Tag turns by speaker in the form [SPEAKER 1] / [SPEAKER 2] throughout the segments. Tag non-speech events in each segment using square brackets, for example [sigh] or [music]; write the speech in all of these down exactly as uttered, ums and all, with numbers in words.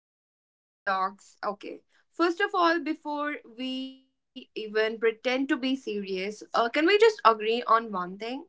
[SPEAKER 1] to the Pink Theory Talks. Okay, first of all, before we even pretend to be serious, uh, can we just agree on one thing?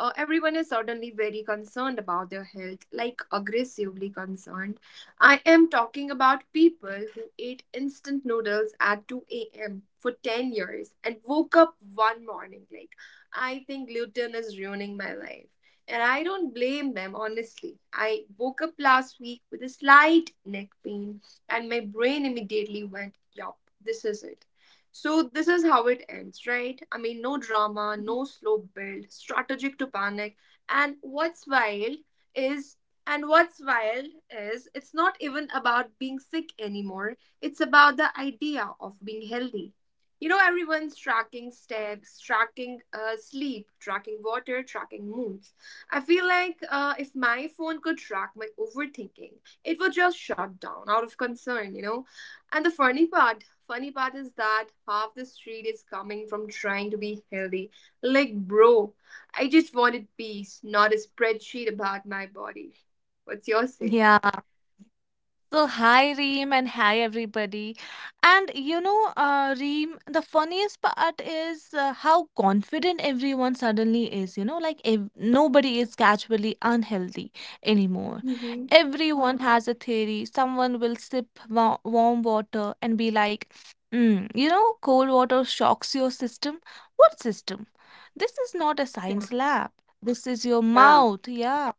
[SPEAKER 1] uh, everyone is suddenly very concerned about their health, like aggressively concerned. I am talking about people who ate instant noodles at two a m for ten years and woke up one morning like, I think gluten is ruining my life. And I don't blame them, honestly. I woke up last week with a slight neck pain, and my brain immediately went, Yup, this is it. So this is how it ends, right? I mean, no drama, no slow build, strategic to panic. And what's wild is and what's wild is it's not even about being sick anymore. It's about the idea of being healthy. You know, everyone's tracking steps, tracking uh, sleep, tracking water, tracking moods. I feel like uh, if my phone could track my overthinking, it would just shut down out of concern, you know? And the funny part, funny part is that half the street is coming from trying to be healthy. Like, bro, I just wanted peace, not a spreadsheet about my body. What's your say?
[SPEAKER 2] Yeah. So hi Reem and hi everybody. And you know, uh, Reem, the funniest part is uh, how confident everyone suddenly is. You know, like if nobody is casually unhealthy anymore.
[SPEAKER 1] Mhm.
[SPEAKER 2] Everyone has a theory. Someone will sip wa- warm water and be like, mm, you know, cold water shocks your system. What system? This is not a science lab. This is your
[SPEAKER 1] Yeah.
[SPEAKER 2] mouth. Yeah.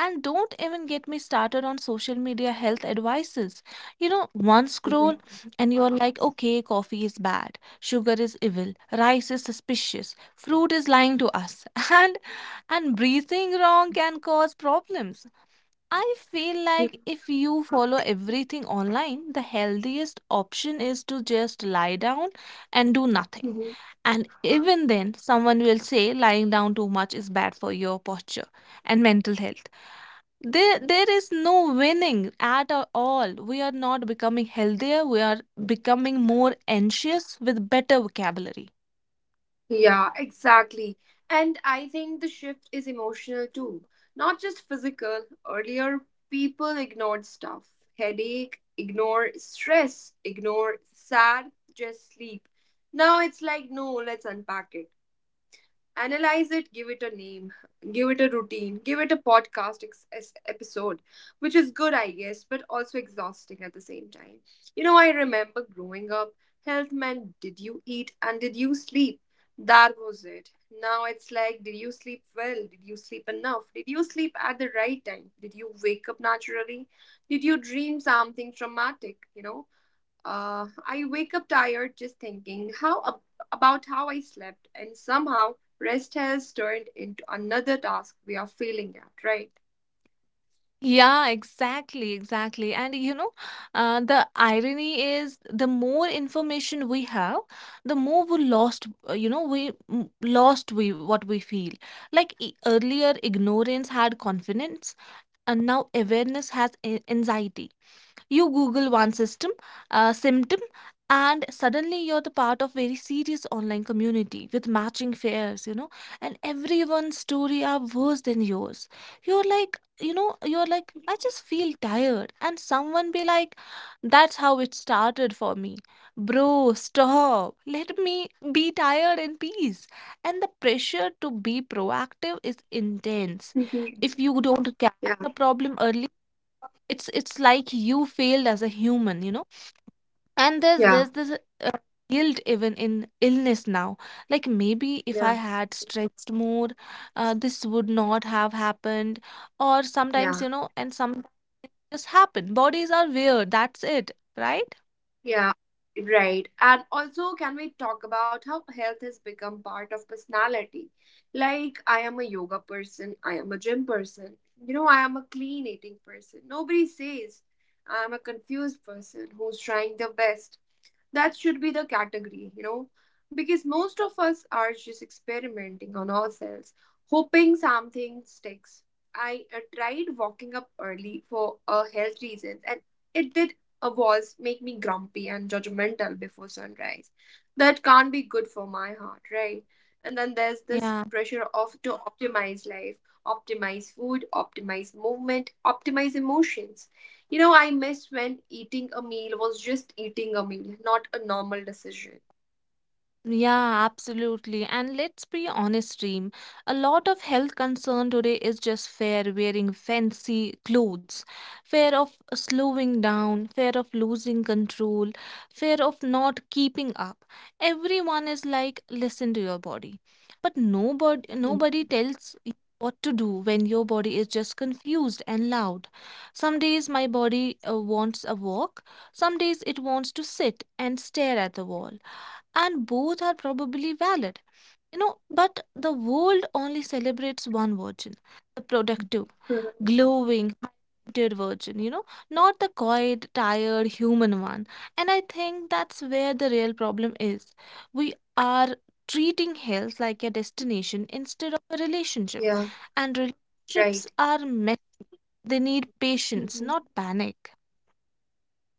[SPEAKER 2] And don't even get me started on social media health advices. You know, one scroll
[SPEAKER 1] Mhm.
[SPEAKER 2] and you're like, okay, coffee is bad, sugar is evil, rice is suspicious, fruit is lying to us, [laughs] and and breathing wrong can cause problems. I feel
[SPEAKER 1] Mhm.
[SPEAKER 2] like if you follow everything online, the healthiest option is to just lie down and do nothing.
[SPEAKER 1] Mhm.
[SPEAKER 2] And even then, someone will say lying down too much is bad for your posture and mental health. There, there is no winning at a- all. We are not becoming healthier. We are becoming more anxious with better vocabulary.
[SPEAKER 1] Yeah, exactly. And I think the shift is emotional too, not just physical. Earlier, people ignored stuff, headache, ignore stress, ignore sad, just sleep. Now it's like, no, let's unpack it, analyze it, give it a name, give it a routine, give it a podcast ex- es- episode, which is good, I guess, but also exhausting at the same time. You know, I remember growing up, health meant did you eat and did you sleep? That was it. Now it's like, did you sleep well? Did you sleep enough? Did you sleep at the right time? Did you wake up naturally? Did you dream something traumatic? You know, uh, I wake up tired just thinking how ab- about how I slept, and somehow rest has turned into another task we are failing at, right?
[SPEAKER 2] Yeah, exactly, exactly. And you know, uh, the irony is the more information we have, the more we lost, uh, you know, we mm, lost we what we feel. Like e- earlier, ignorance had confidence, and now awareness has a- anxiety. You Google one system, uh, symptom, and suddenly you're the part of very serious online community with matching fairs, you know, and everyone's story are worse than yours. You're like, you know, you're like, I just feel tired, and someone be like, that's how it started for me. Bro, stop. Let me be tired in peace. And the pressure to be proactive is intense.
[SPEAKER 1] Mhm.
[SPEAKER 2] If you don't catch
[SPEAKER 1] Yeah,
[SPEAKER 2] a problem early, it's it's like you failed as a human, you know. And there's
[SPEAKER 1] yeah,
[SPEAKER 2] there's this uh, guilt even in illness now. Like maybe if I
[SPEAKER 1] yeah,
[SPEAKER 2] had stretched more, uh, this would not have happened. Or sometimes,
[SPEAKER 1] yeah,
[SPEAKER 2] you know, and some just happen. Bodies are weird, that's it, right?
[SPEAKER 1] yeah, right. And also, can we talk about how health has become part of personality? Like, I am a yoga person, I am a gym person, you know, I am a clean eating person. Nobody says I am a confused person who's trying their best. That should be the category you know because most of us are just experimenting on ourselves, hoping something sticks. I uh, tried walking up early for uh, health reasons, and it did uh, was make me grumpy and judgmental before sunrise. That can't be good for my heart, right? And then there's this
[SPEAKER 2] Yeah.
[SPEAKER 1] pressure of to optimize life, optimize food, optimize movement, optimize emotions. You know, I miss when eating a meal was just eating a meal, not a normal decision.
[SPEAKER 2] Yeah, absolutely. And let's be honest, Reem. A lot of health concern today is just fear wearing fancy clothes, fear of slowing down, fear of losing control, fear of not keeping up. Everyone is like, listen to your body. But nobody
[SPEAKER 1] Mhm.
[SPEAKER 2] nobody tells you what to do when your body is just confused and loud. Some days my body uh, wants a walk, some days it wants to sit and stare at the wall, and both are probably valid. You know, but the world only celebrates one version, the productive, glowing, hydrated version, you know, not the quiet, tired, human one. And I think that's where the real problem is. We are treating health like a destination instead of a relationship,
[SPEAKER 1] Yeah,
[SPEAKER 2] and relationships
[SPEAKER 1] right.
[SPEAKER 2] are messy. They need patience,
[SPEAKER 1] Mhm.
[SPEAKER 2] not panic.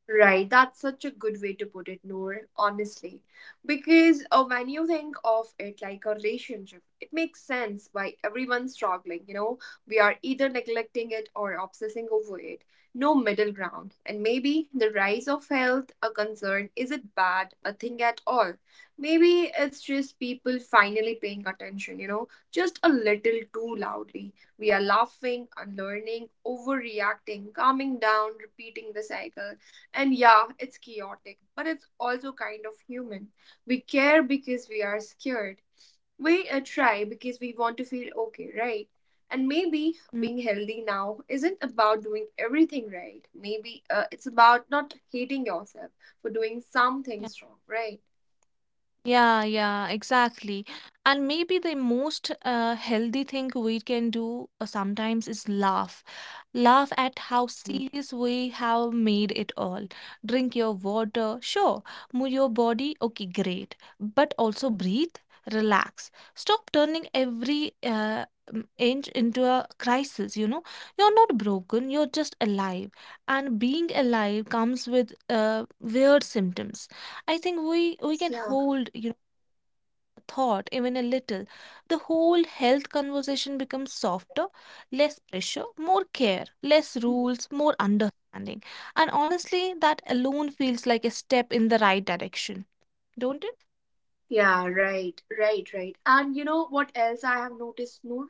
[SPEAKER 1] Right, that's such a good way to put it, Noor, honestly. Because uh, when you think of it like a relationship, it makes sense why everyone's struggling. You know, we are either neglecting it or obsessing over it. No middle ground. And maybe the rise of health, a concern, isn't bad a thing at all. Maybe it's just people finally paying attention, you know, just a little too loudly. We are laughing, unlearning, overreacting, calming down, repeating the cycle, and yeah, it's chaotic, but it's also kind of human. We care because we are scared. We uh, try because we want to feel okay, right? And maybe
[SPEAKER 2] Mm,
[SPEAKER 1] being healthy now isn't about doing everything right. Maybe uh, it's about not hating yourself for doing some
[SPEAKER 2] yeah.
[SPEAKER 1] things wrong, right?
[SPEAKER 2] Yeah, yeah, exactly. And maybe the most uh, healthy thing we can do uh, sometimes is laugh. Laugh at how serious we have made it all. Drink your water, sure. Move your body, okay, great. But also breathe, relax. Stop turning every uh, m- inch into a crisis, you know. You're not broken, you're just alive. And being alive comes with uh, weird symptoms. I think we we can
[SPEAKER 1] Yeah.
[SPEAKER 2] hold, you know, a thought even a little. The whole health conversation becomes softer, less pressure, more care, less rules, more understanding. And honestly, that alone feels like a step in the right direction, don't it?
[SPEAKER 1] Yeah, right, right, right. And you know what else I have noticed, Noor?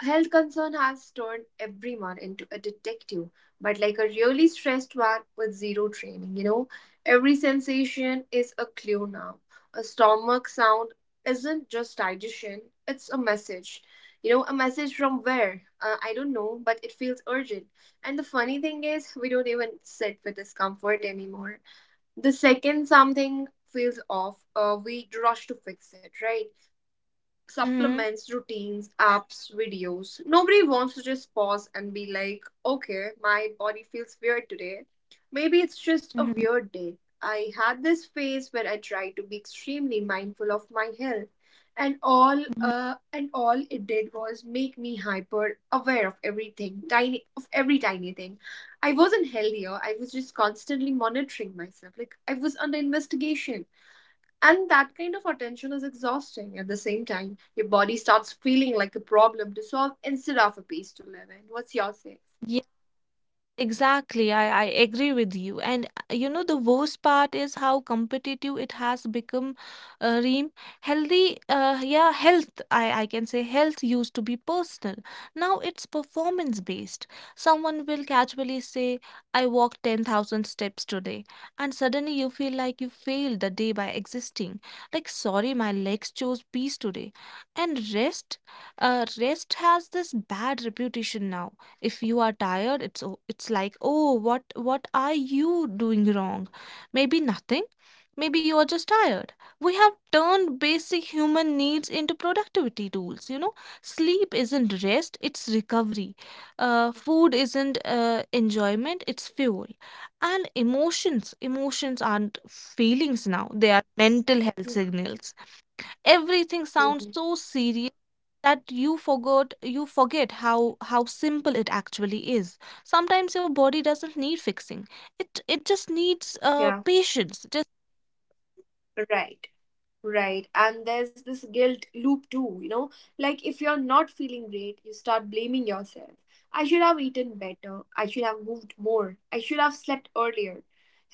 [SPEAKER 1] Health concern has turned everyone into a detective, but like a really stressed one with zero training, you know. Every sensation is a clue now. A stomach sound isn't just digestion, it's a message. You know, a message from where? Uh, I don't know, but it feels urgent. And the funny thing is, we don't even sit with discomfort anymore. The second something feels off, uh, we rush to fix it, right?
[SPEAKER 2] Mm-hmm.
[SPEAKER 1] Supplements, routines, apps, videos. Nobody wants to just pause and be like, okay, my body feels weird today. Maybe it's just a
[SPEAKER 2] Mm-hmm.
[SPEAKER 1] weird day. I had this phase where I tried to be extremely mindful of my health, and all
[SPEAKER 2] Mm-hmm.
[SPEAKER 1] uh, and all it did was make me hyper aware of everything tiny of every tiny thing I wasn't healthier. I was just constantly monitoring myself like I was under investigation, and that kind of attention is exhausting. At the same time, your body starts feeling like a problem to solve instead of a peace to live in. What's your say?
[SPEAKER 2] Exactly, I, I agree with you. And uh, you know, the worst part is how competitive it has become, uh, Reem. Healthy, uh, yeah, health, I, I can say health used to be personal. Now it's performance based. Someone will casually say, I walked ten thousand steps today. And suddenly you feel like you failed the day by existing. Like, sorry, my legs chose peace today. And rest, uh, rest has this bad reputation now. If you are tired, it's o- it's like, oh, what what are you doing wrong? Maybe nothing. Maybe you're just tired. We have turned basic human needs into productivity tools, you know. Sleep isn't rest, it's recovery. Uh, food isn't uh, enjoyment, it's fuel. And emotions, emotions aren't feelings now, they are mental health signals. Everything
[SPEAKER 1] Mhm.
[SPEAKER 2] sounds so serious that you forgot you forget how how simple it actually is. Sometimes your body doesn't need fixing, it it just needs uh,
[SPEAKER 1] Yeah,
[SPEAKER 2] patience.
[SPEAKER 1] right. Right. And there's this guilt loop too, you know? Like if you're not feeling great, you start blaming yourself. I should have eaten better. I should have moved more. I should have slept earlier.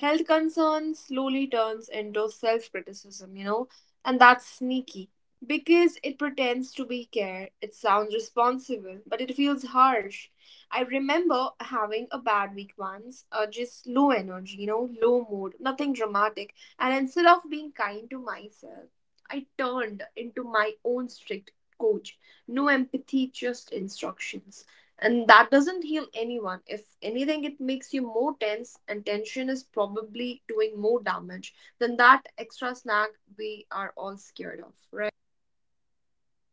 [SPEAKER 1] Health concerns slowly turns into self-criticism, you know? And that's sneaky because it pretends to be care. It sounds responsible, but it feels harsh. I remember having a bad week once, uh, just low energy, you know, low mood, nothing dramatic. And instead of being kind to myself, I turned into my own strict coach. No empathy, just instructions. And that doesn't heal anyone. If anything, it makes you more tense, and tension is probably doing more damage than that extra snack we are all scared of, right?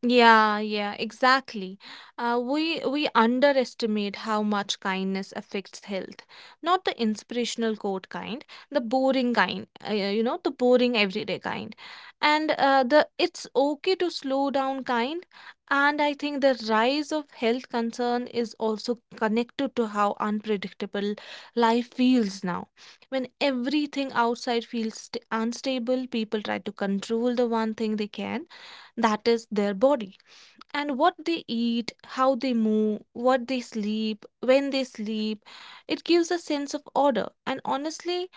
[SPEAKER 2] Yeah, yeah, exactly. Uh, we we underestimate how much kindness affects health. Not the inspirational quote kind, the boring kind. Uh, you know, the boring everyday kind, and uh, the it's okay to slow down kind. And I think the rise of health concern is also connected to how unpredictable life feels now. When everything outside feels st- unstable, people try to control the one thing they can, that is their body and what they eat, how they move, what they sleep, when they sleep. It gives a sense of order. And honestly,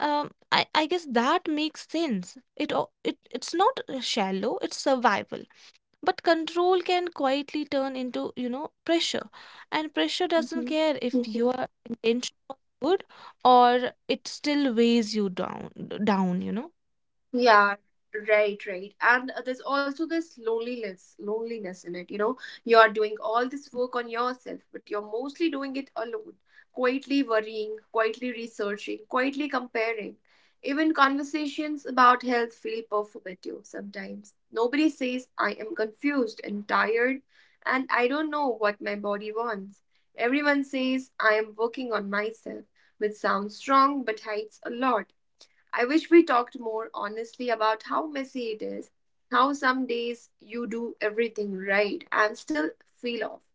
[SPEAKER 2] um, I, I guess that makes sense. It, o- it It's not uh, shallow, it's survival. But control can quietly turn into, you know, pressure. And pressure doesn't care if
[SPEAKER 1] Hmm.
[SPEAKER 2] your intention was good, or it still weighs you down, down, you know.
[SPEAKER 1] Yeah, right, right. And uh, there's also this loneliness, loneliness in it. You know, you are doing all this work on yourself, but you're mostly doing it alone, quietly worrying, quietly researching, quietly comparing. Even conversations about health feel performative sometimes. Nobody says, I am confused and tired, and I don't know what my body wants. Everyone says, I am working on myself, which sounds strong but hides a lot. I wish we talked more honestly about how messy it is, how some days you do everything right and still feel off,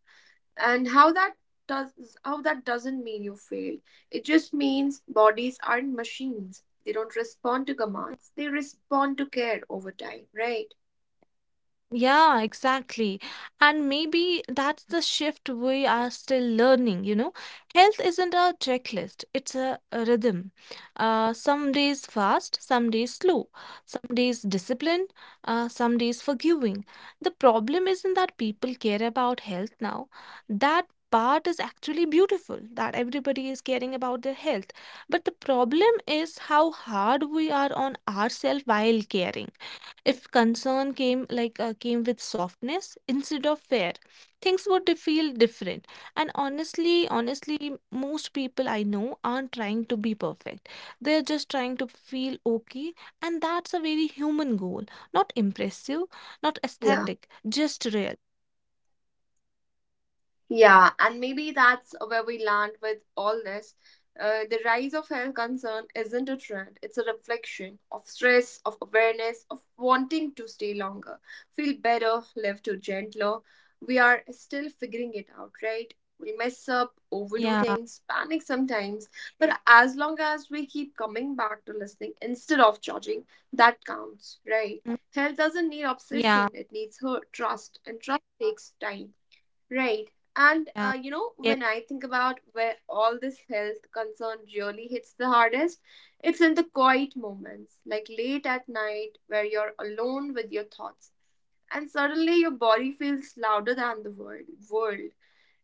[SPEAKER 1] and how that does how that doesn't mean you failed. It just means bodies aren't machines. They don't respond to commands. They respond to care over time, right?
[SPEAKER 2] Yeah, exactly. And maybe that's the shift we are still learning, you know. Health isn't a checklist, it's a, a rhythm. Uh, some days fast, some days slow, some days disciplined, uh, some days forgiving. The problem isn't that people care about health now. That part is actually beautiful, that everybody is caring about their health. But the problem is how hard we are on ourselves while caring. If concern came like uh, came with softness instead of fear, things would feel different. And honestly, honestly, most people I know aren't trying to be perfect. They're just trying to feel okay, and that's a very human goal. Not impressive, not
[SPEAKER 1] Yeah.
[SPEAKER 2] aesthetic, just real.
[SPEAKER 1] Yeah, and maybe that's where we land with all this. Uh, the rise of health concern isn't a trend, it's a reflection of stress, of awareness, of wanting to stay longer, feel better, live to gentler. We are still figuring it out, right? We mess up, overdo
[SPEAKER 2] Yeah.
[SPEAKER 1] things, panic sometimes, but as long as we keep coming back to listening instead of judging, that counts, right?
[SPEAKER 2] Mm,
[SPEAKER 1] Health doesn't need
[SPEAKER 2] yeah.
[SPEAKER 1] obsession, it needs her trust, and trust takes time. Right. And
[SPEAKER 2] Yeah.
[SPEAKER 1] uh, you know,
[SPEAKER 2] Yeah.
[SPEAKER 1] when I think about where all this health concern really hits the hardest, it's in the quiet moments, like late at night, where you're alone with your thoughts, and suddenly your body feels louder than the world. World.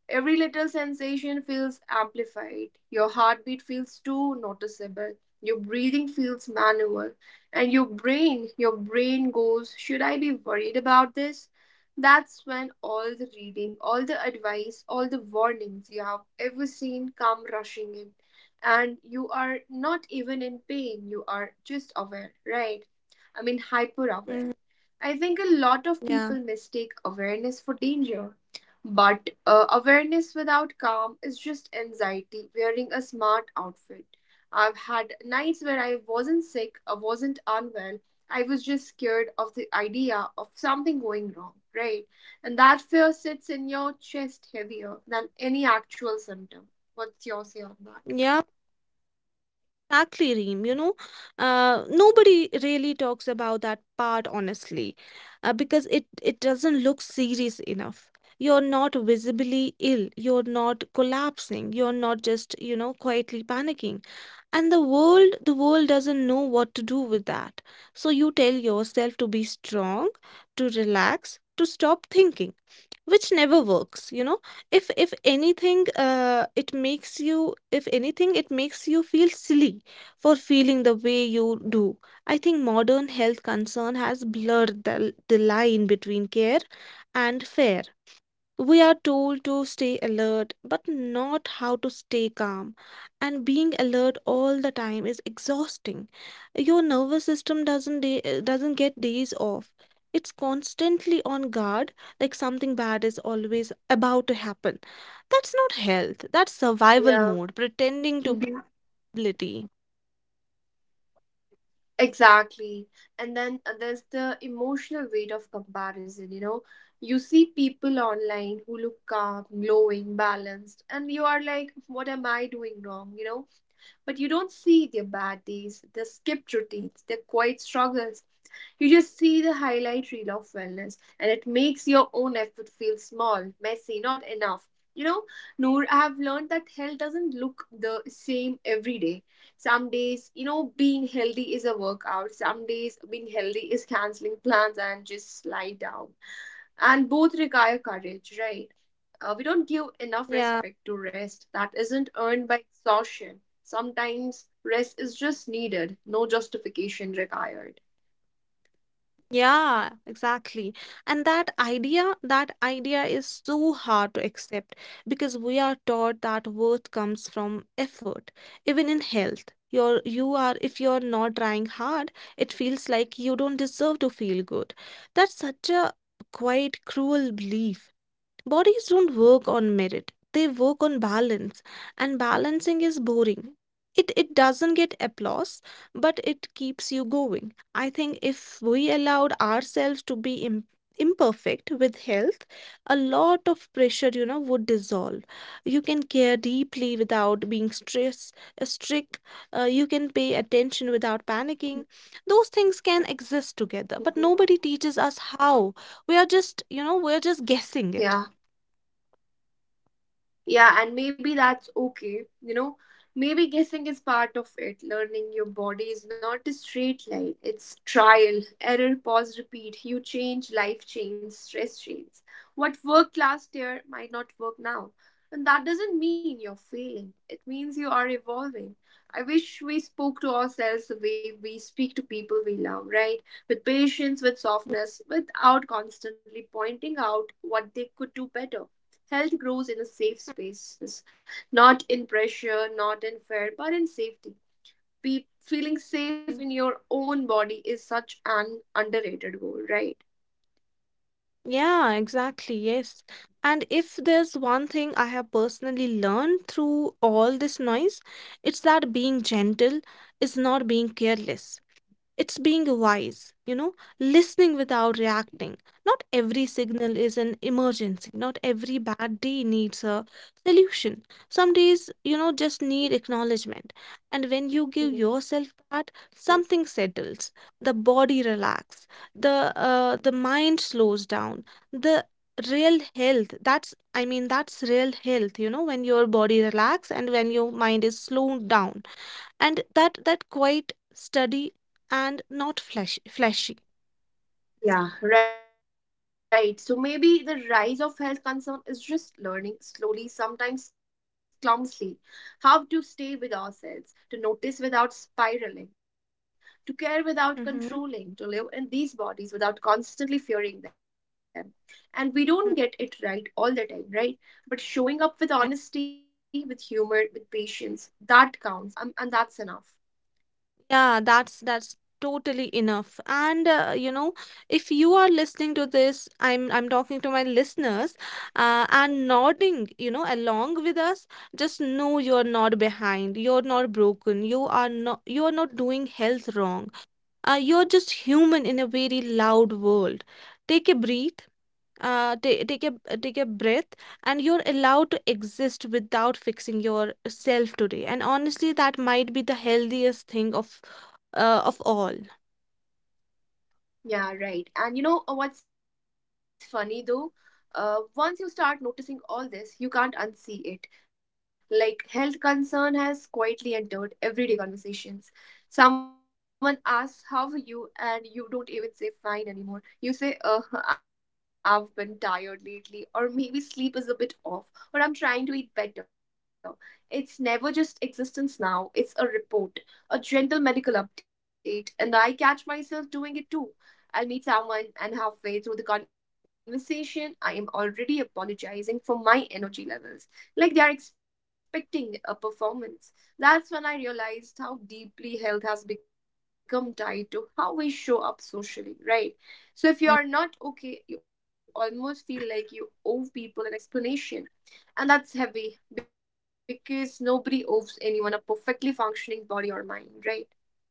[SPEAKER 1] Every little sensation feels amplified. Your heartbeat feels too noticeable. Your breathing feels manual. And your brain, your brain goes, Should I be worried about this? That's when all the reading, all the advice, all the warnings you have ever seen come rushing in. And you are not even in pain, you are just aware, right? I mean, hyper aware.
[SPEAKER 2] Mm,
[SPEAKER 1] I think a lot of
[SPEAKER 2] yeah.
[SPEAKER 1] people mistake awareness for danger. But uh, awareness without calm is just anxiety wearing a smart outfit. I've had nights where I wasn't sick, I wasn't unwell, I was just scared of the idea of something going wrong, right? And that fear sits in your chest heavier than any actual symptom. What's your say on that?
[SPEAKER 2] Yeah. Exactly, Reem. You know, uh, nobody really talks about that part honestly, uh, because it it doesn't look serious enough. You're not visibly ill. You're not collapsing. You're not just, you know, quietly panicking. And the world, the world doesn't know what to do with that. So you tell yourself to be strong, to relax, to stop thinking, which never works, you know. If if anything, uh, it makes you if anything it makes you feel silly for feeling the way you do. I think modern health concern has blurred the, the line between care and fair. We are told to stay alert, but not how to stay calm. And being alert all the time is exhausting. Your nervous system doesn't day, uh, doesn't get days off. It's constantly on guard, like something bad is always about to happen. That's not health. That's survival
[SPEAKER 1] Yeah.
[SPEAKER 2] mode, pretending to be ability.
[SPEAKER 1] Exactly. And then uh, there's the emotional weight of comparison, you know. You see people online who look calm, glowing, balanced, and you are like, what am I doing wrong, you know? But you don't see their bad days, their skipped routines, their quiet struggles, you just see the highlight reel of wellness, and it makes your own effort feel small, messy, not enough. You know, Noor, I have learned that health doesn't look the same every day. Some days, you know, being healthy is a workout. Some days, being healthy is canceling plans and just lie down. And both require courage, right? Uh, we don't give enough
[SPEAKER 2] Yeah.
[SPEAKER 1] respect to rest that isn't earned by exhaustion. Sometimes rest is just needed, no justification required.
[SPEAKER 2] Yeah, exactly. And that idea, that idea is so hard to accept because we are taught that worth comes from effort. Even in health, you're, you are, if you're not trying hard, it feels like you don't deserve to feel good. That's such a quite cruel belief. Bodies don't work on merit. They work on balance, and balancing is boring. It it doesn't get applause, but it keeps you going. I think if we allowed ourselves to be im- imperfect with health, a lot of pressure, you know, would dissolve. You can care deeply without being stress uh, strict. Uh, you can pay attention without panicking. Those things can exist together, but nobody teaches us how. We are just, you know, we're just guessing
[SPEAKER 1] Yeah.
[SPEAKER 2] it.
[SPEAKER 1] Yeah, and maybe that's okay. You know, maybe guessing is part of it. Learning your body is not a straight line, it's trial, error, pause, repeat. You change, life change, stress change. What worked last year might not work now. And that doesn't mean you're failing, it means you are evolving. I wish we spoke to ourselves the way we speak to people we love, right? With patience, with
[SPEAKER 2] Mhm.
[SPEAKER 1] softness, without constantly pointing out what they could do better. Health grows in a safe spaces, not in pressure, not in fear, but in safety. Be- feeling safe in your own body is such an underrated goal, right?
[SPEAKER 2] Yeah, exactly. Yes. And if there's one thing I have personally learned through all this noise, it's that being gentle is not being careless. It's being wise, you know, listening without reacting. Not every signal is an emergency. Not every bad day needs a solution. Some days, you know, just need acknowledgement. And when you give yourself that,
[SPEAKER 1] Mhm.
[SPEAKER 2] something settles. The body relax. The uh, the mind slows down. The real health, that's I mean that's real health, you know, when your body relax and when your mind is slowed down, and that that quite steady and not flesh flashy.
[SPEAKER 1] Yeah, right. So maybe the rise of health concern is just learning slowly, sometimes clumsily, how to stay with ourselves, to notice without spiraling, to care without
[SPEAKER 2] Mm-hmm.
[SPEAKER 1] controlling, to live in these bodies without constantly fearing them. And we don't
[SPEAKER 2] Mm,
[SPEAKER 1] get it right all the time, right? But showing
[SPEAKER 2] yeah.
[SPEAKER 1] up with honesty, with humor, with patience, that counts, um, and that's enough.
[SPEAKER 2] Yeah, that's that's totally enough. And uh, you know, if you are listening to this, i'm i'm talking to my listeners, uh, and nodding, you know, along with us, just know you're not behind, you're not broken, you are not you're not doing health wrong. Uh, you're just human in a very loud world. Take a breath. Uh, ta- take a take a breath. And you're allowed to exist without fixing yourself today. And honestly, that might be the healthiest thing of uh, of all. Yeah.
[SPEAKER 1] Yeah, right. And you know uh, what's funny though? Uh, once you start noticing all this, you can't unsee it. Like, health concern has quietly entered everyday conversations. Someone asks, "How are you?" and you don't even say fine anymore. You say, Uh, [laughs] "I've been tired lately," or "maybe sleep is a bit off," or "I'm trying to eat better." It's never just existence now, it's a report, a gentle medical update, and I catch myself doing it too. I'll meet someone, and halfway through the conversation, I am already apologizing for my energy levels, like they are expecting a performance. That's when I realized how deeply health has become tied to how we show up socially, right? So, if you are not okay, you almost feel like you owe people an explanation, and that's heavy because nobody owes anyone a perfectly functioning body or mind, right?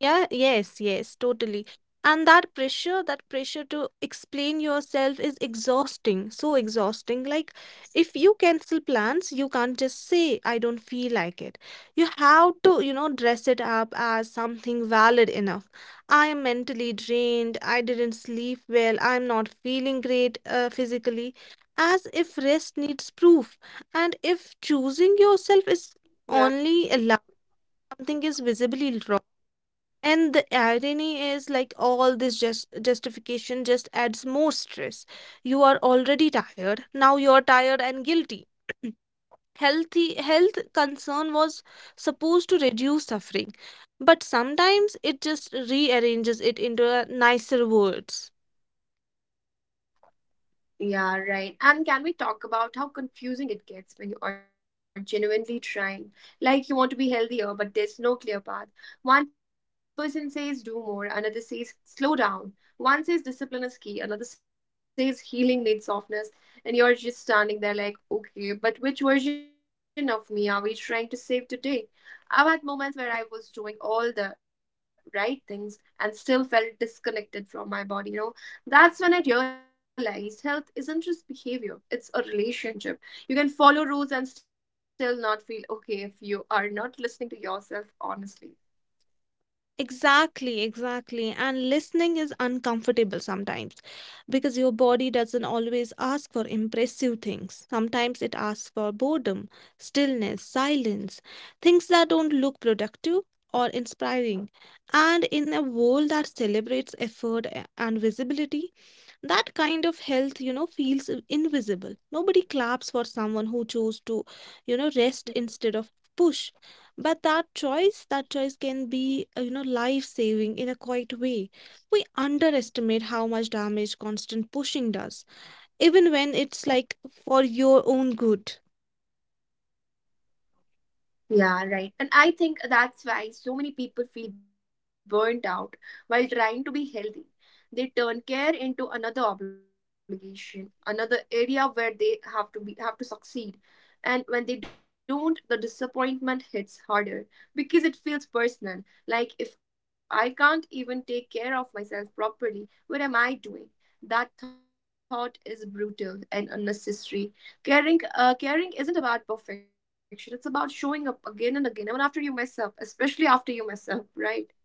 [SPEAKER 2] Yeah, yes, yes, totally. And that pressure, that pressure to explain yourself is exhausting, so exhausting. Like, if you cancel plans, you can't just say, I don't feel like it. You have to, you know, dress it up as something valid enough. I am mentally drained, I didn't sleep well, I'm not feeling great uh, physically, as if rest needs proof. And if choosing yourself is
[SPEAKER 1] Yeah.
[SPEAKER 2] only allowed, something is visibly wrong. And the irony is like all this just justification just adds more stress. You are already tired, now you're tired and guilty. Healthy health concern was supposed to reduce suffering, but sometimes it just rearranges it into a nicer words.
[SPEAKER 1] Yeah, right. And can we talk about how confusing it gets when you are genuinely trying? Like, you want to be healthier, but there's no clear path. One person says do more, another says slow down. One says discipline is key, another says healing needs softness, and you're just standing there like, okay, but which version of me are we trying to save today? I've had moments where I was doing all the right things and still felt disconnected from my body, you know? That's when I realized health isn't just behavior, it's a relationship. You can follow rules and still not feel okay if you are not listening to yourself honestly.
[SPEAKER 2] Exactly, exactly. And listening is uncomfortable sometimes because your body doesn't always ask for impressive things. Sometimes it asks for boredom, stillness, silence, things that don't look productive or inspiring. And in a world that celebrates effort a- and visibility, that kind of health you know feels i- invisible Nobody claps for someone who chose to you know rest instead of push. But that choice that choice can be uh, you know life saving in a quiet way. We underestimate how much damage constant pushing does, even when it's like for your own good.
[SPEAKER 1] Yeah, right. And I think that's why so many people feel burnt out while trying to be healthy. They turn care into another obligation, another area where they have to be have to succeed. And when they don't, the disappointment hits harder because it feels personal. Like, if I can't even take care of myself properly, what am I doing? That thought is brutal and unnecessary. Caring, uh, caring isn't about perfection. It's about showing up again and again, even after you mess up, especially after you mess up, right?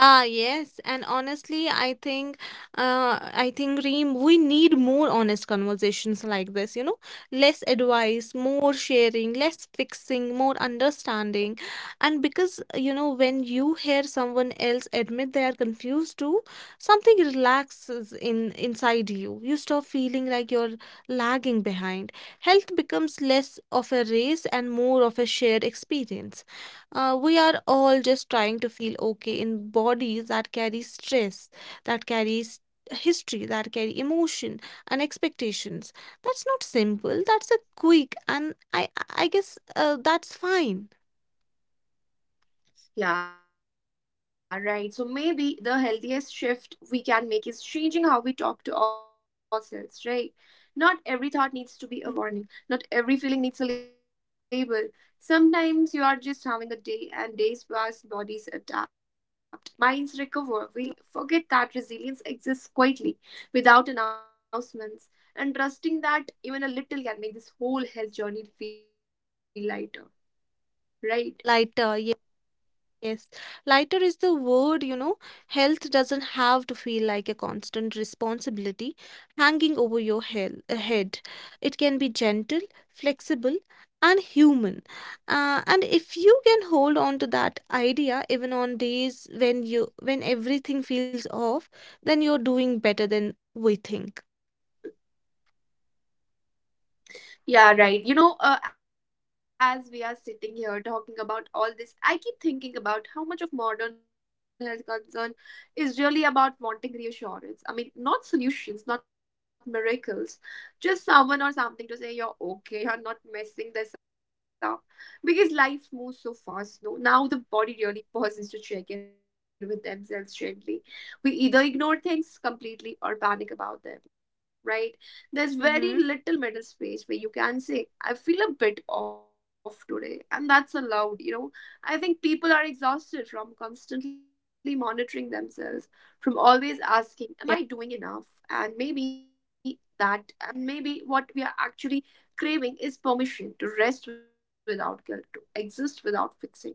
[SPEAKER 2] Ah, yes, and honestly, I think, uh, I think Reem, we need more honest conversations like this, you know, less advice, more sharing, less fixing, more understanding. And because, you know, when you hear someone else admit they are confused too, something relaxes in inside you. You stop feeling like you're lagging behind. Health becomes less of a race and more of a shared experience. Uh, we are all just trying to feel okay in bodies that carry stress, that carries history, that carry emotion and expectations. That's not simple. That's a quick, and I I guess uh, that's fine.
[SPEAKER 1] Yeah, right. So maybe the healthiest shift we can make is changing how we talk to ourselves, right? Not every thought needs to be a warning. Not every feeling needs a label. Sometimes you are just having a day, and days pass, bodies adapt, minds recover. We forget that resilience exists quietly, without announcements, and trusting that even a little can make this whole health journey feel lighter, right?
[SPEAKER 2] Lighter, yes, lighter is the word, you know. Health doesn't have to feel like a constant responsibility hanging over your hel- uh, head. It can be gentle, flexible, and human. Uh, and if you can hold on to that idea even on days when you when everything feels off, then you're doing better than we think.
[SPEAKER 1] Yeah, right. You know, uh, as we are sitting here talking about all this, I keep thinking about how much of modern health concern is really about wanting reassurance. I mean, not solutions, not miracles, just someone or something to say you're okay, you're not messing this up. Because life moves so fast, no? Now the body really pauses to check in with themselves gently. We either ignore things completely or panic about them, right? There's very little
[SPEAKER 2] Mm-hmm.
[SPEAKER 1] middle space where you can say, I feel a bit off today, and that's allowed, you know. I think people are exhausted from constantly monitoring themselves, from always asking, am I doing enough? And maybe that and maybe what we are actually craving is permission to rest without guilt, to exist without fixing, right?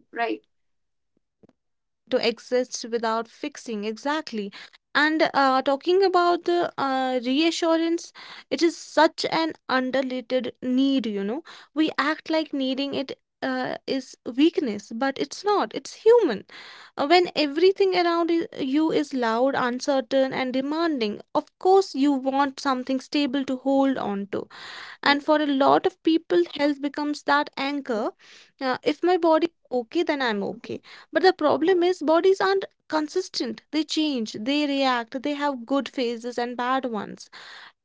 [SPEAKER 2] To exist without fixing, exactly. And uh, talking about the uh, reassurance, it is such an underrated need you know We act like needing it uh, is weakness, but it's not, it's human. Uh, when everything around i- you is loud, uncertain and demanding, of course you want something stable to hold on to, and for a lot of people health becomes that
[SPEAKER 1] Uh huh.
[SPEAKER 2] anchor. Uh, if my body is okay then I'm okay.
[SPEAKER 1] Uh
[SPEAKER 2] But
[SPEAKER 1] huh.
[SPEAKER 2] the problem is bodies aren't consistent, they change, they react, they have good phases and bad ones.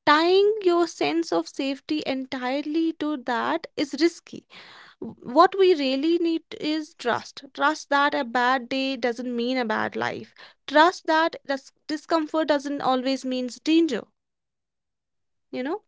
[SPEAKER 2] Tying your sense of safety entirely to that is risky. What we really need is trust, trust that a bad day doesn't mean a bad life, trust that dis- discomfort doesn't always means danger you know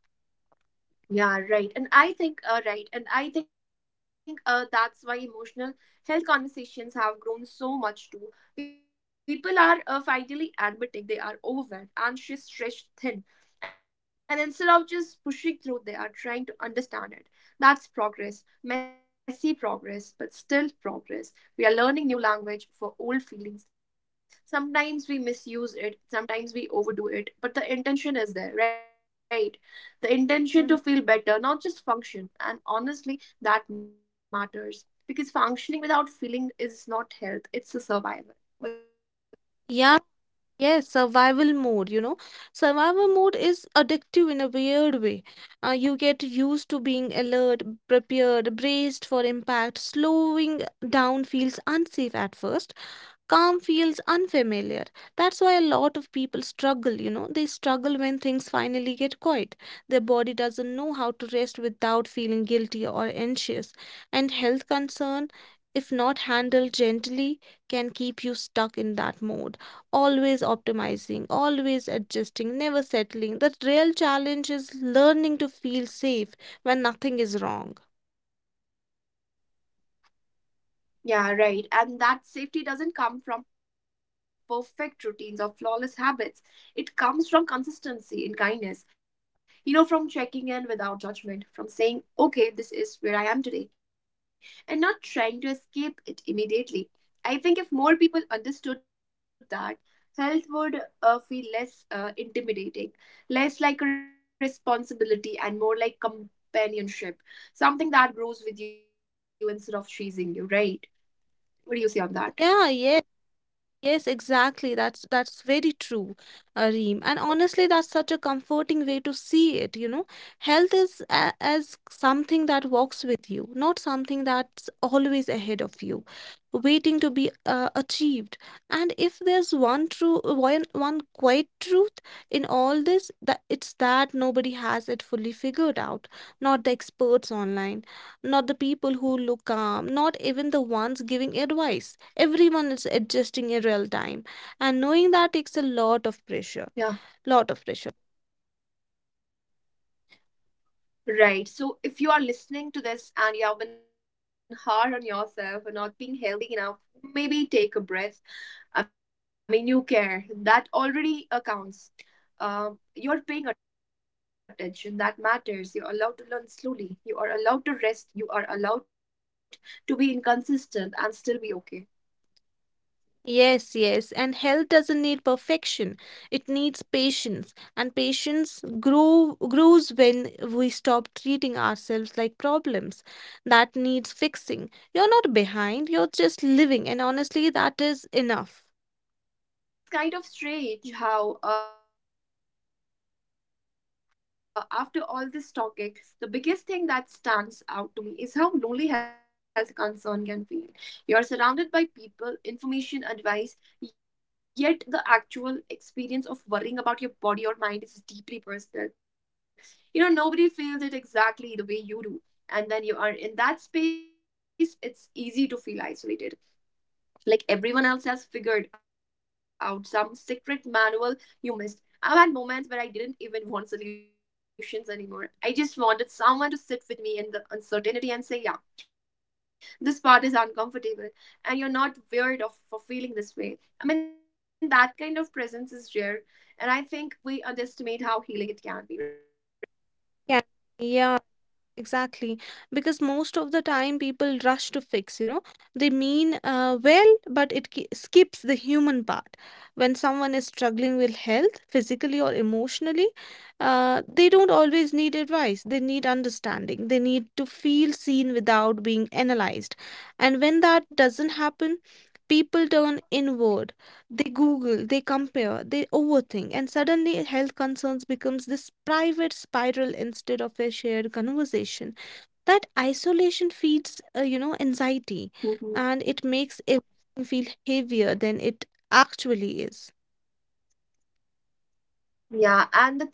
[SPEAKER 1] Yeah, right. And I think, uh, right. And I think uh, that's why emotional health conversations have grown so much too. People are uh, finally admitting they are overwhelmed, anxious, stretched thin. And instead of just pushing through, they are trying to understand it. That's progress, messy progress, but still progress. We are learning new language for old feelings. Sometimes we misuse it, sometimes we overdo it, but the intention is there, right? The intention
[SPEAKER 2] Mhm.
[SPEAKER 1] to feel better, not just function. And honestly, that matters because functioning without feeling is not health, it's a survival. What's your say on
[SPEAKER 2] Yeah,
[SPEAKER 1] that?
[SPEAKER 2] yes, survival mode, you know. Survival mode is addictive in a weird way. Uh, you get used to being alert, prepared, braced for impact. Slowing down feels unsafe at first. Calm feels unfamiliar. That's why a lot of people struggle, you know. They struggle when things finally get quiet. Their body doesn't know how to rest without feeling guilty or anxious. And health concern, if not
[SPEAKER 1] Yeah.
[SPEAKER 2] handled gently, can keep you stuck in that mode. Always optimizing, always adjusting, never settling. The real challenge is learning to feel safe when nothing is wrong.
[SPEAKER 1] Yeah, right. And that safety doesn't come from perfect routines or flawless habits. It comes from consistency in kindness, you know, from checking in without judgment, from saying, okay, this is where I am today, and not trying to escape it immediately. I think if more people understood that, health would uh, feel less uh, intimidating, less like a responsibility, and more like companionship, something that grows with you instead of chasing you, right? What do you say on
[SPEAKER 2] Yeah,
[SPEAKER 1] that?
[SPEAKER 2] yeah. Yes, exactly. That's that's very true, Areem. And honestly, that's such a comforting way to see it, you know. Health is a as something that walks with you, not something that's always ahead of you, waiting to be uh, achieved. And if there's one true one one quiet truth in all this, that it's that nobody has it fully figured out, not the experts online, not the people who look calm, not even the ones giving advice. Everyone is adjusting in real time, and knowing that takes a lot of pressure. Lot
[SPEAKER 1] Yeah,
[SPEAKER 2] of pressure.
[SPEAKER 1] right. So if you are listening to this and you have been hard on yourself and not being healthy enough, maybe take a breath. I mean, you care. That already uh, counts. Um, you are paying attention. That matters. You are allowed to learn slowly. You are allowed to rest. You are allowed to be inconsistent and still be okay.
[SPEAKER 2] Yes, yes, and health doesn't need perfection. It needs patience, and patience grow, grows when we stop treating ourselves like problems that needs fixing. You're not behind, you're just living, and honestly, that is enough.
[SPEAKER 1] Yeah, it's kind of strange how, uh, after all this talking, the biggest thing that stands out to me is how lonely health concern can feel. You're surrounded by people, information, advice, yet the actual experience of worrying about your body or mind is deeply personal. You know, nobody feels it exactly the way you do. And then you are in that space, it's easy to feel isolated, like everyone else has figured out some secret manual you missed. I've had moments where I didn't even want solutions anymore. I just wanted someone to sit with me in the uncertainty and say, yeah, this part is uncomfortable, and you're not weird of, for feeling this way. I mean, that kind of presence is rare, and I think we underestimate how healing it can be, right?
[SPEAKER 2] Yeah, yeah. Exactly, because most of the time people rush to fix, you know, they mean uh, well, but it ki- skips the human part. When someone is struggling with health, physically or emotionally, uh, they don't always need advice. They need understanding. They need to feel seen without being analyzed. And when that doesn't happen, people turn inward. They Google, they compare, they overthink, and suddenly health concerns becomes this private spiral instead of a shared conversation. That isolation feeds, uh, you know, anxiety,
[SPEAKER 1] Mhm.
[SPEAKER 2] and it makes everything feel heavier than it actually is.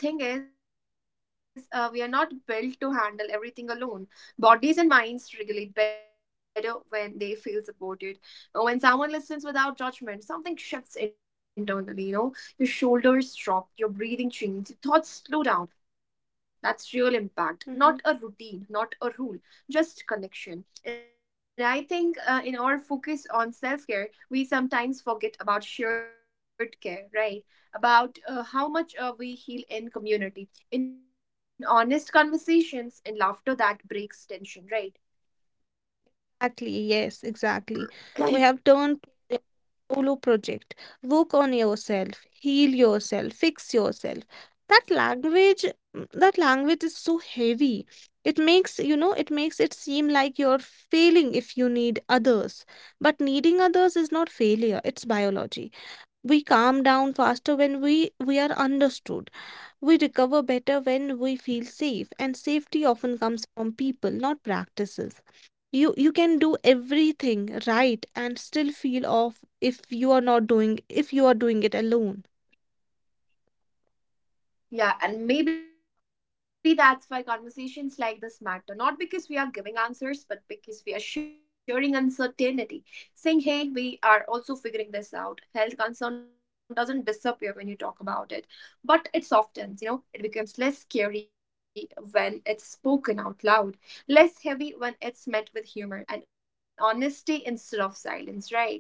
[SPEAKER 1] Yeah, and the thing is, uh, we are not built to handle everything alone. Bodies and minds regulate better when they feel supported. Uh, When someone listens without judgment, something shifts internally, you know. Your shoulders drop, your breathing changes, thoughts slow down. That's real impact,
[SPEAKER 2] Mhm.
[SPEAKER 1] not a routine, not a rule, just connection. And I think uh, in our focus on self care, we sometimes forget about shared care, right? About uh, how much uh, we heal in community, in honest conversations, in laughter that breaks tension, right?
[SPEAKER 2] Exactly. Yes, exactly. We have turned. Solo project. Work on yourself, heal yourself, fix yourself. That language, mm, that language is so heavy. It makes, you know, it makes it seem like you're failing if you need others. But needing others is not failure, it's biology. We calm down faster when we we are understood. We recover better when we feel safe, and safety often comes from people, not practices. You you can do everything right and still feel off if you are not doing if you are doing it alone.
[SPEAKER 1] Yeah, and maybe that's why conversations like this matter. Not because we are giving answers, but because we are sharing uncertainty. Saying, hey, we are also figuring this out. Health concern doesn't disappear when you talk about it, but it softens, you know, it becomes less scary when it's spoken out loud, less heavy when it's met with humor and honesty instead of silence, right?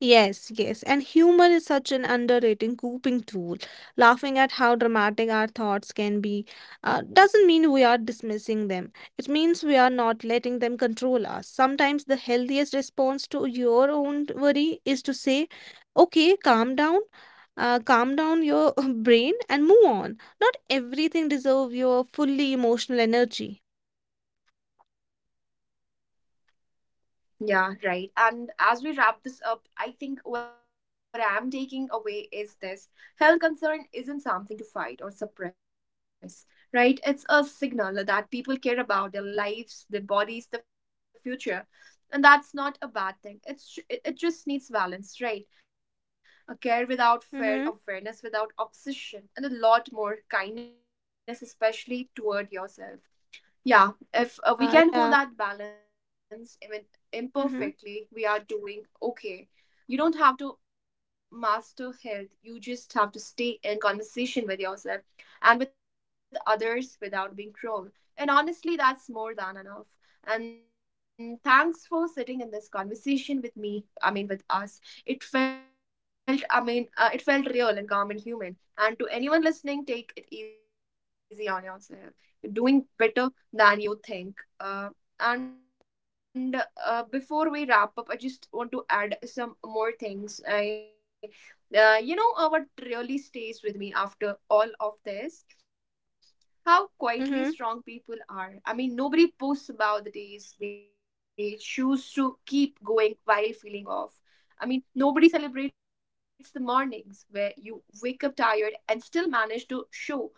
[SPEAKER 2] Yes, yes. And humor is such an underrated coping tool. Laughing at how dramatic our thoughts can be uh, doesn't mean we are dismissing them. It means we are not letting them control us. Sometimes the healthiest response to your own worry is to say, okay, calm down, uh, calm down your [laughs] brain and move on. Not everything deserves your fully emotional energy.
[SPEAKER 1] Yeah, right. And as we wrap this up, I think what I'm taking away is this: health concern isn't something to fight or suppress, right? It's a signal that people care about their lives, their bodies, the future. And that's not a bad thing. It's ju- it it just needs balance, right? A care without fear,
[SPEAKER 2] Mhm.
[SPEAKER 1] awareness without obsession, and a lot more kindness, especially toward yourself. Yeah, if uh, we
[SPEAKER 2] Yeah,
[SPEAKER 1] can
[SPEAKER 2] yeah.
[SPEAKER 1] hold that balance, even
[SPEAKER 2] Mhm,
[SPEAKER 1] imperfectly, we are doing okay. You don't have to master health, you just have to stay in conversation with yourself and with others without being cruel. And honestly, that's more than enough. And thanks for sitting in this conversation with me. I mean, with us. It felt, I mean, uh, it felt real and calm and human. And to anyone listening, take it easy on yourself. You're doing better than you think. Uh, and uh, Before we wrap up, I just want to add some more things. I, uh, you know, uh, what really stays with me after all of this? How quietly
[SPEAKER 2] mhm.
[SPEAKER 1] strong people are. I mean, nobody posts about the days they choose to keep going while feeling off. I mean, nobody celebrates the mornings where you wake up tired and still manage to show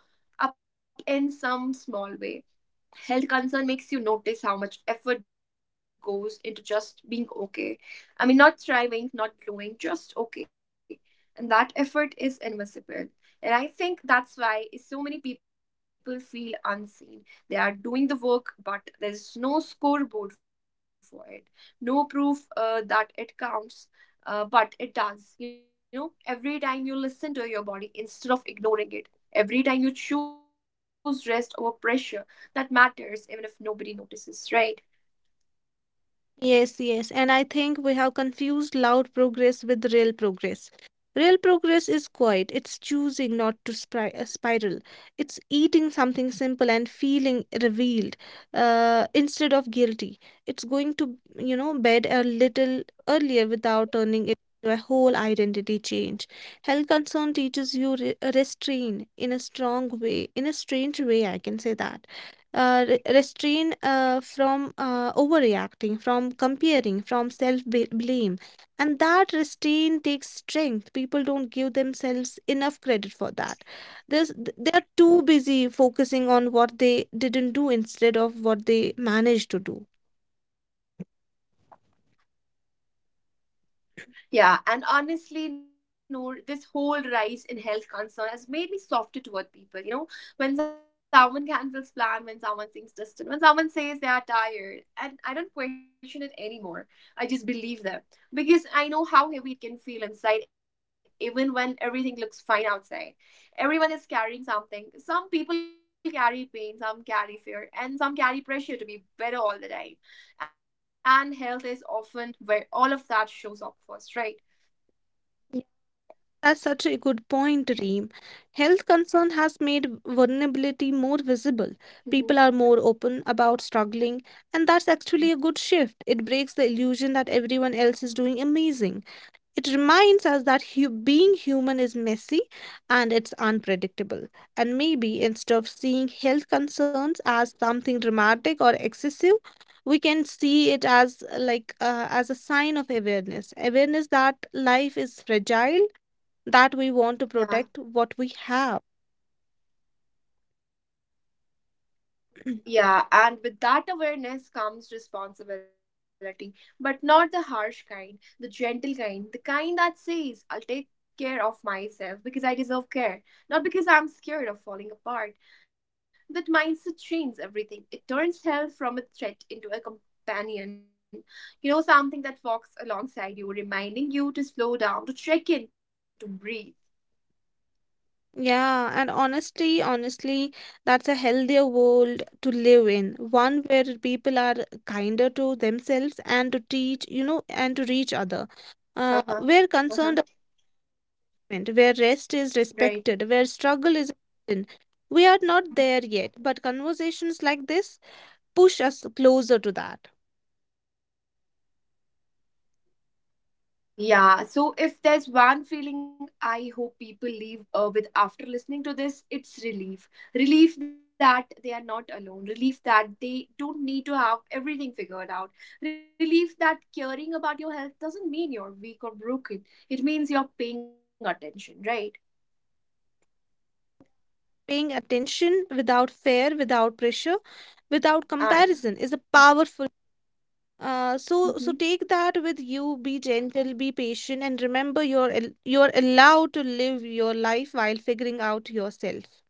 [SPEAKER 1] up in some small way. Health concern makes you notice how much effort goes into just being okay. I mean, not striving, not glowing, just okay. And that effort is invisible. And I think that's why so many people feel unseen. They are doing the work, but there's no scoreboard for it, no proof uh, that it counts. Uh, but it does. You know, every time you listen to your body instead of ignoring it, every time you choose rest over pressure, that matters, even if nobody notices, right?
[SPEAKER 2] Yes, yes. And I think we have confused loud progress with real progress. Real progress is quiet, it's choosing not to spri- uh, spiral, it's eating something simple and feeling revealed uh, instead of guilty. It's going to, you know, bed a little earlier without turning it into a whole identity change. Health concern teaches you re- restraint in a strong way, in a strange way, I can say that, uh, re- restrain uh, from uh, overreacting, from comparing, from self blame. And that restraint takes strength. People don't give themselves enough credit for that. There's, they are too busy focusing on what they didn't do instead of what they managed to do.
[SPEAKER 1] Yeah, and honestly, Noor, this whole rise in health concern has made me softer toward people, you know. When someone cancels plan, when someone seems distant, when someone says they are tired, and I don't question it anymore, I just believe them, because I know how heavy it can feel inside even when everything looks fine outside. Everyone is carrying something. Some people carry pain, some carry fear, and some carry pressure to be better all the time, and health is often where all of that shows up first, right?
[SPEAKER 2] Yeah, that's such a good point, Reem. Health concern has made vulnerability more visible.
[SPEAKER 1] Mm-hmm.
[SPEAKER 2] People are more open about struggling, and that's actually a good shift.
[SPEAKER 1] Mhm.
[SPEAKER 2] It breaks the illusion that everyone else is doing amazing. It reminds us that hu- being human is messy and it's unpredictable. And maybe instead of seeing health concerns as something dramatic or excessive, we can see it as uh, like uh, as a sign of awareness awareness that life is fragile, that we want to
[SPEAKER 1] Yeah,
[SPEAKER 2] protect what we have.
[SPEAKER 1] yeah, and with that awareness comes responsibility, but not the harsh
[SPEAKER 2] [clears throat]
[SPEAKER 1] kind, the gentle kind, the kind that says, I'll take care of myself because I deserve care, not because I'm scared of falling apart. That mindset changes everything. It turns health from a threat into a companion, you know, something that walks alongside you, reminding you to slow down, to check in, to breathe.
[SPEAKER 2] Yeah, and honestly, honestly, that's a healthier world to live in. One where people are kinder to themselves and to teach, you know, and to each other. Uh, where
[SPEAKER 1] Uh-huh.
[SPEAKER 2] concerned,
[SPEAKER 1] Uh-huh.
[SPEAKER 2] government, where rest is
[SPEAKER 1] Right.
[SPEAKER 2] respected, where struggle is hidden. We are not there yet, but conversations like this push us closer to that.
[SPEAKER 1] Yeah. So if there's one feeling I hope people leave uh, with after listening to this, it's relief. Relief that they are not alone. Relief that they don't need to have everything figured out. Relief that caring about your health doesn't mean you're weak or broken. It means you're paying attention, right?
[SPEAKER 2] Paying attention without fear, without pressure, without
[SPEAKER 1] And
[SPEAKER 2] comparison is a powerful. Uh, so so
[SPEAKER 1] Mhm.
[SPEAKER 2] take that with you. Be gentle, be patient, and remember you're al- you're allowed to live your life while figuring out yourself.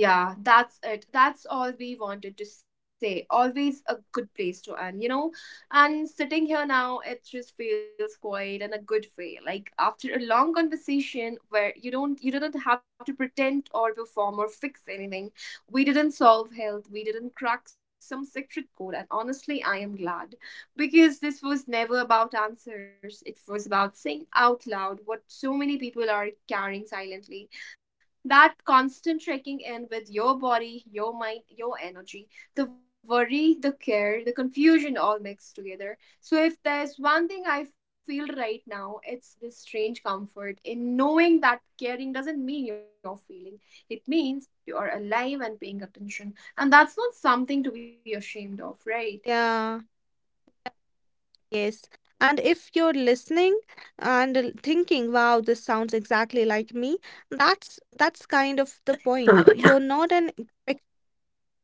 [SPEAKER 1] Yeah, that's it. That's all we wanted to say. Always a good place to end, you know? And sitting here now, it just feels quiet in a good way. Like after a long conversation where you don't you didn't have to pretend or perform or fix anything. We didn't solve health, we didn't crack some secret code, and honestly, I am glad. Because this was never about answers. It was about saying out loud what so many people are carrying silently, that constant checking in with your body, your mind, your energy, the worry, the care, the confusion all mixed together. So, if there's one thing I feel right now, it's this strange comfort in knowing that caring doesn't mean you're feeling, it means you are alive and paying attention. And that's not something to be ashamed of, right?
[SPEAKER 2] Yeah, yes. And if you're listening and l- thinking, wow, this sounds exactly like me, that's that's kind of the point. You're not an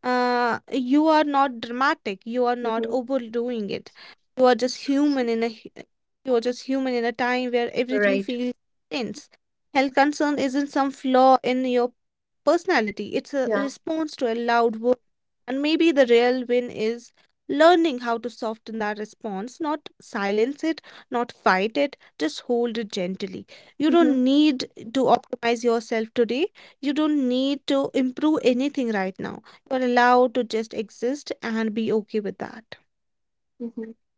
[SPEAKER 2] uh, you are not dramatic, you are not
[SPEAKER 1] Mm-hmm.
[SPEAKER 2] overdoing it, you are just human in a hu- you are just human in a time where everything
[SPEAKER 1] Right.
[SPEAKER 2] feels tense. Health concern isn't some flaw in your personality, it's a
[SPEAKER 1] Yeah.
[SPEAKER 2] response to a loud world. And maybe the real win is learning how to soften that response, not silence it, not fight it, just hold it gently. You don't
[SPEAKER 1] Mm-hmm.
[SPEAKER 2] need to optimize yourself today. You don't need to improve anything right now. You're allowed to just exist and be okay with that.
[SPEAKER 1] Mm-hmm.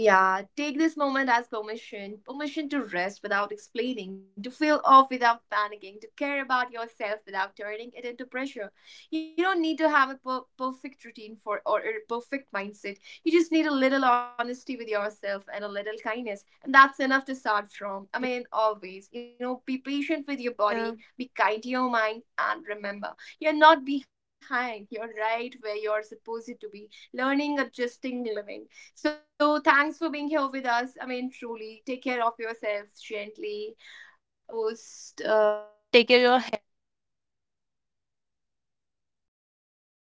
[SPEAKER 1] Yeah, take this moment as permission, permission to rest without explaining, to feel off without panicking, to care about yourself without turning it into pressure. You don't need to have a per- perfect routine for or a perfect mindset. You just need a little honesty with yourself and a little kindness, and that's enough to start from. I mean, always, you know, be patient with your body,
[SPEAKER 2] Yeah.
[SPEAKER 1] be kind to your mind, and remember, you're not behind, you're right where you're supposed to be, learning, adjusting, living. So thanks for being here with us. I mean, truly, take care of yourselves gently. We'll catch you in the next episode. This was your
[SPEAKER 2] Take care of your
[SPEAKER 1] host,
[SPEAKER 2] health.
[SPEAKER 1] Reem, with my cute co host, uh, Noor.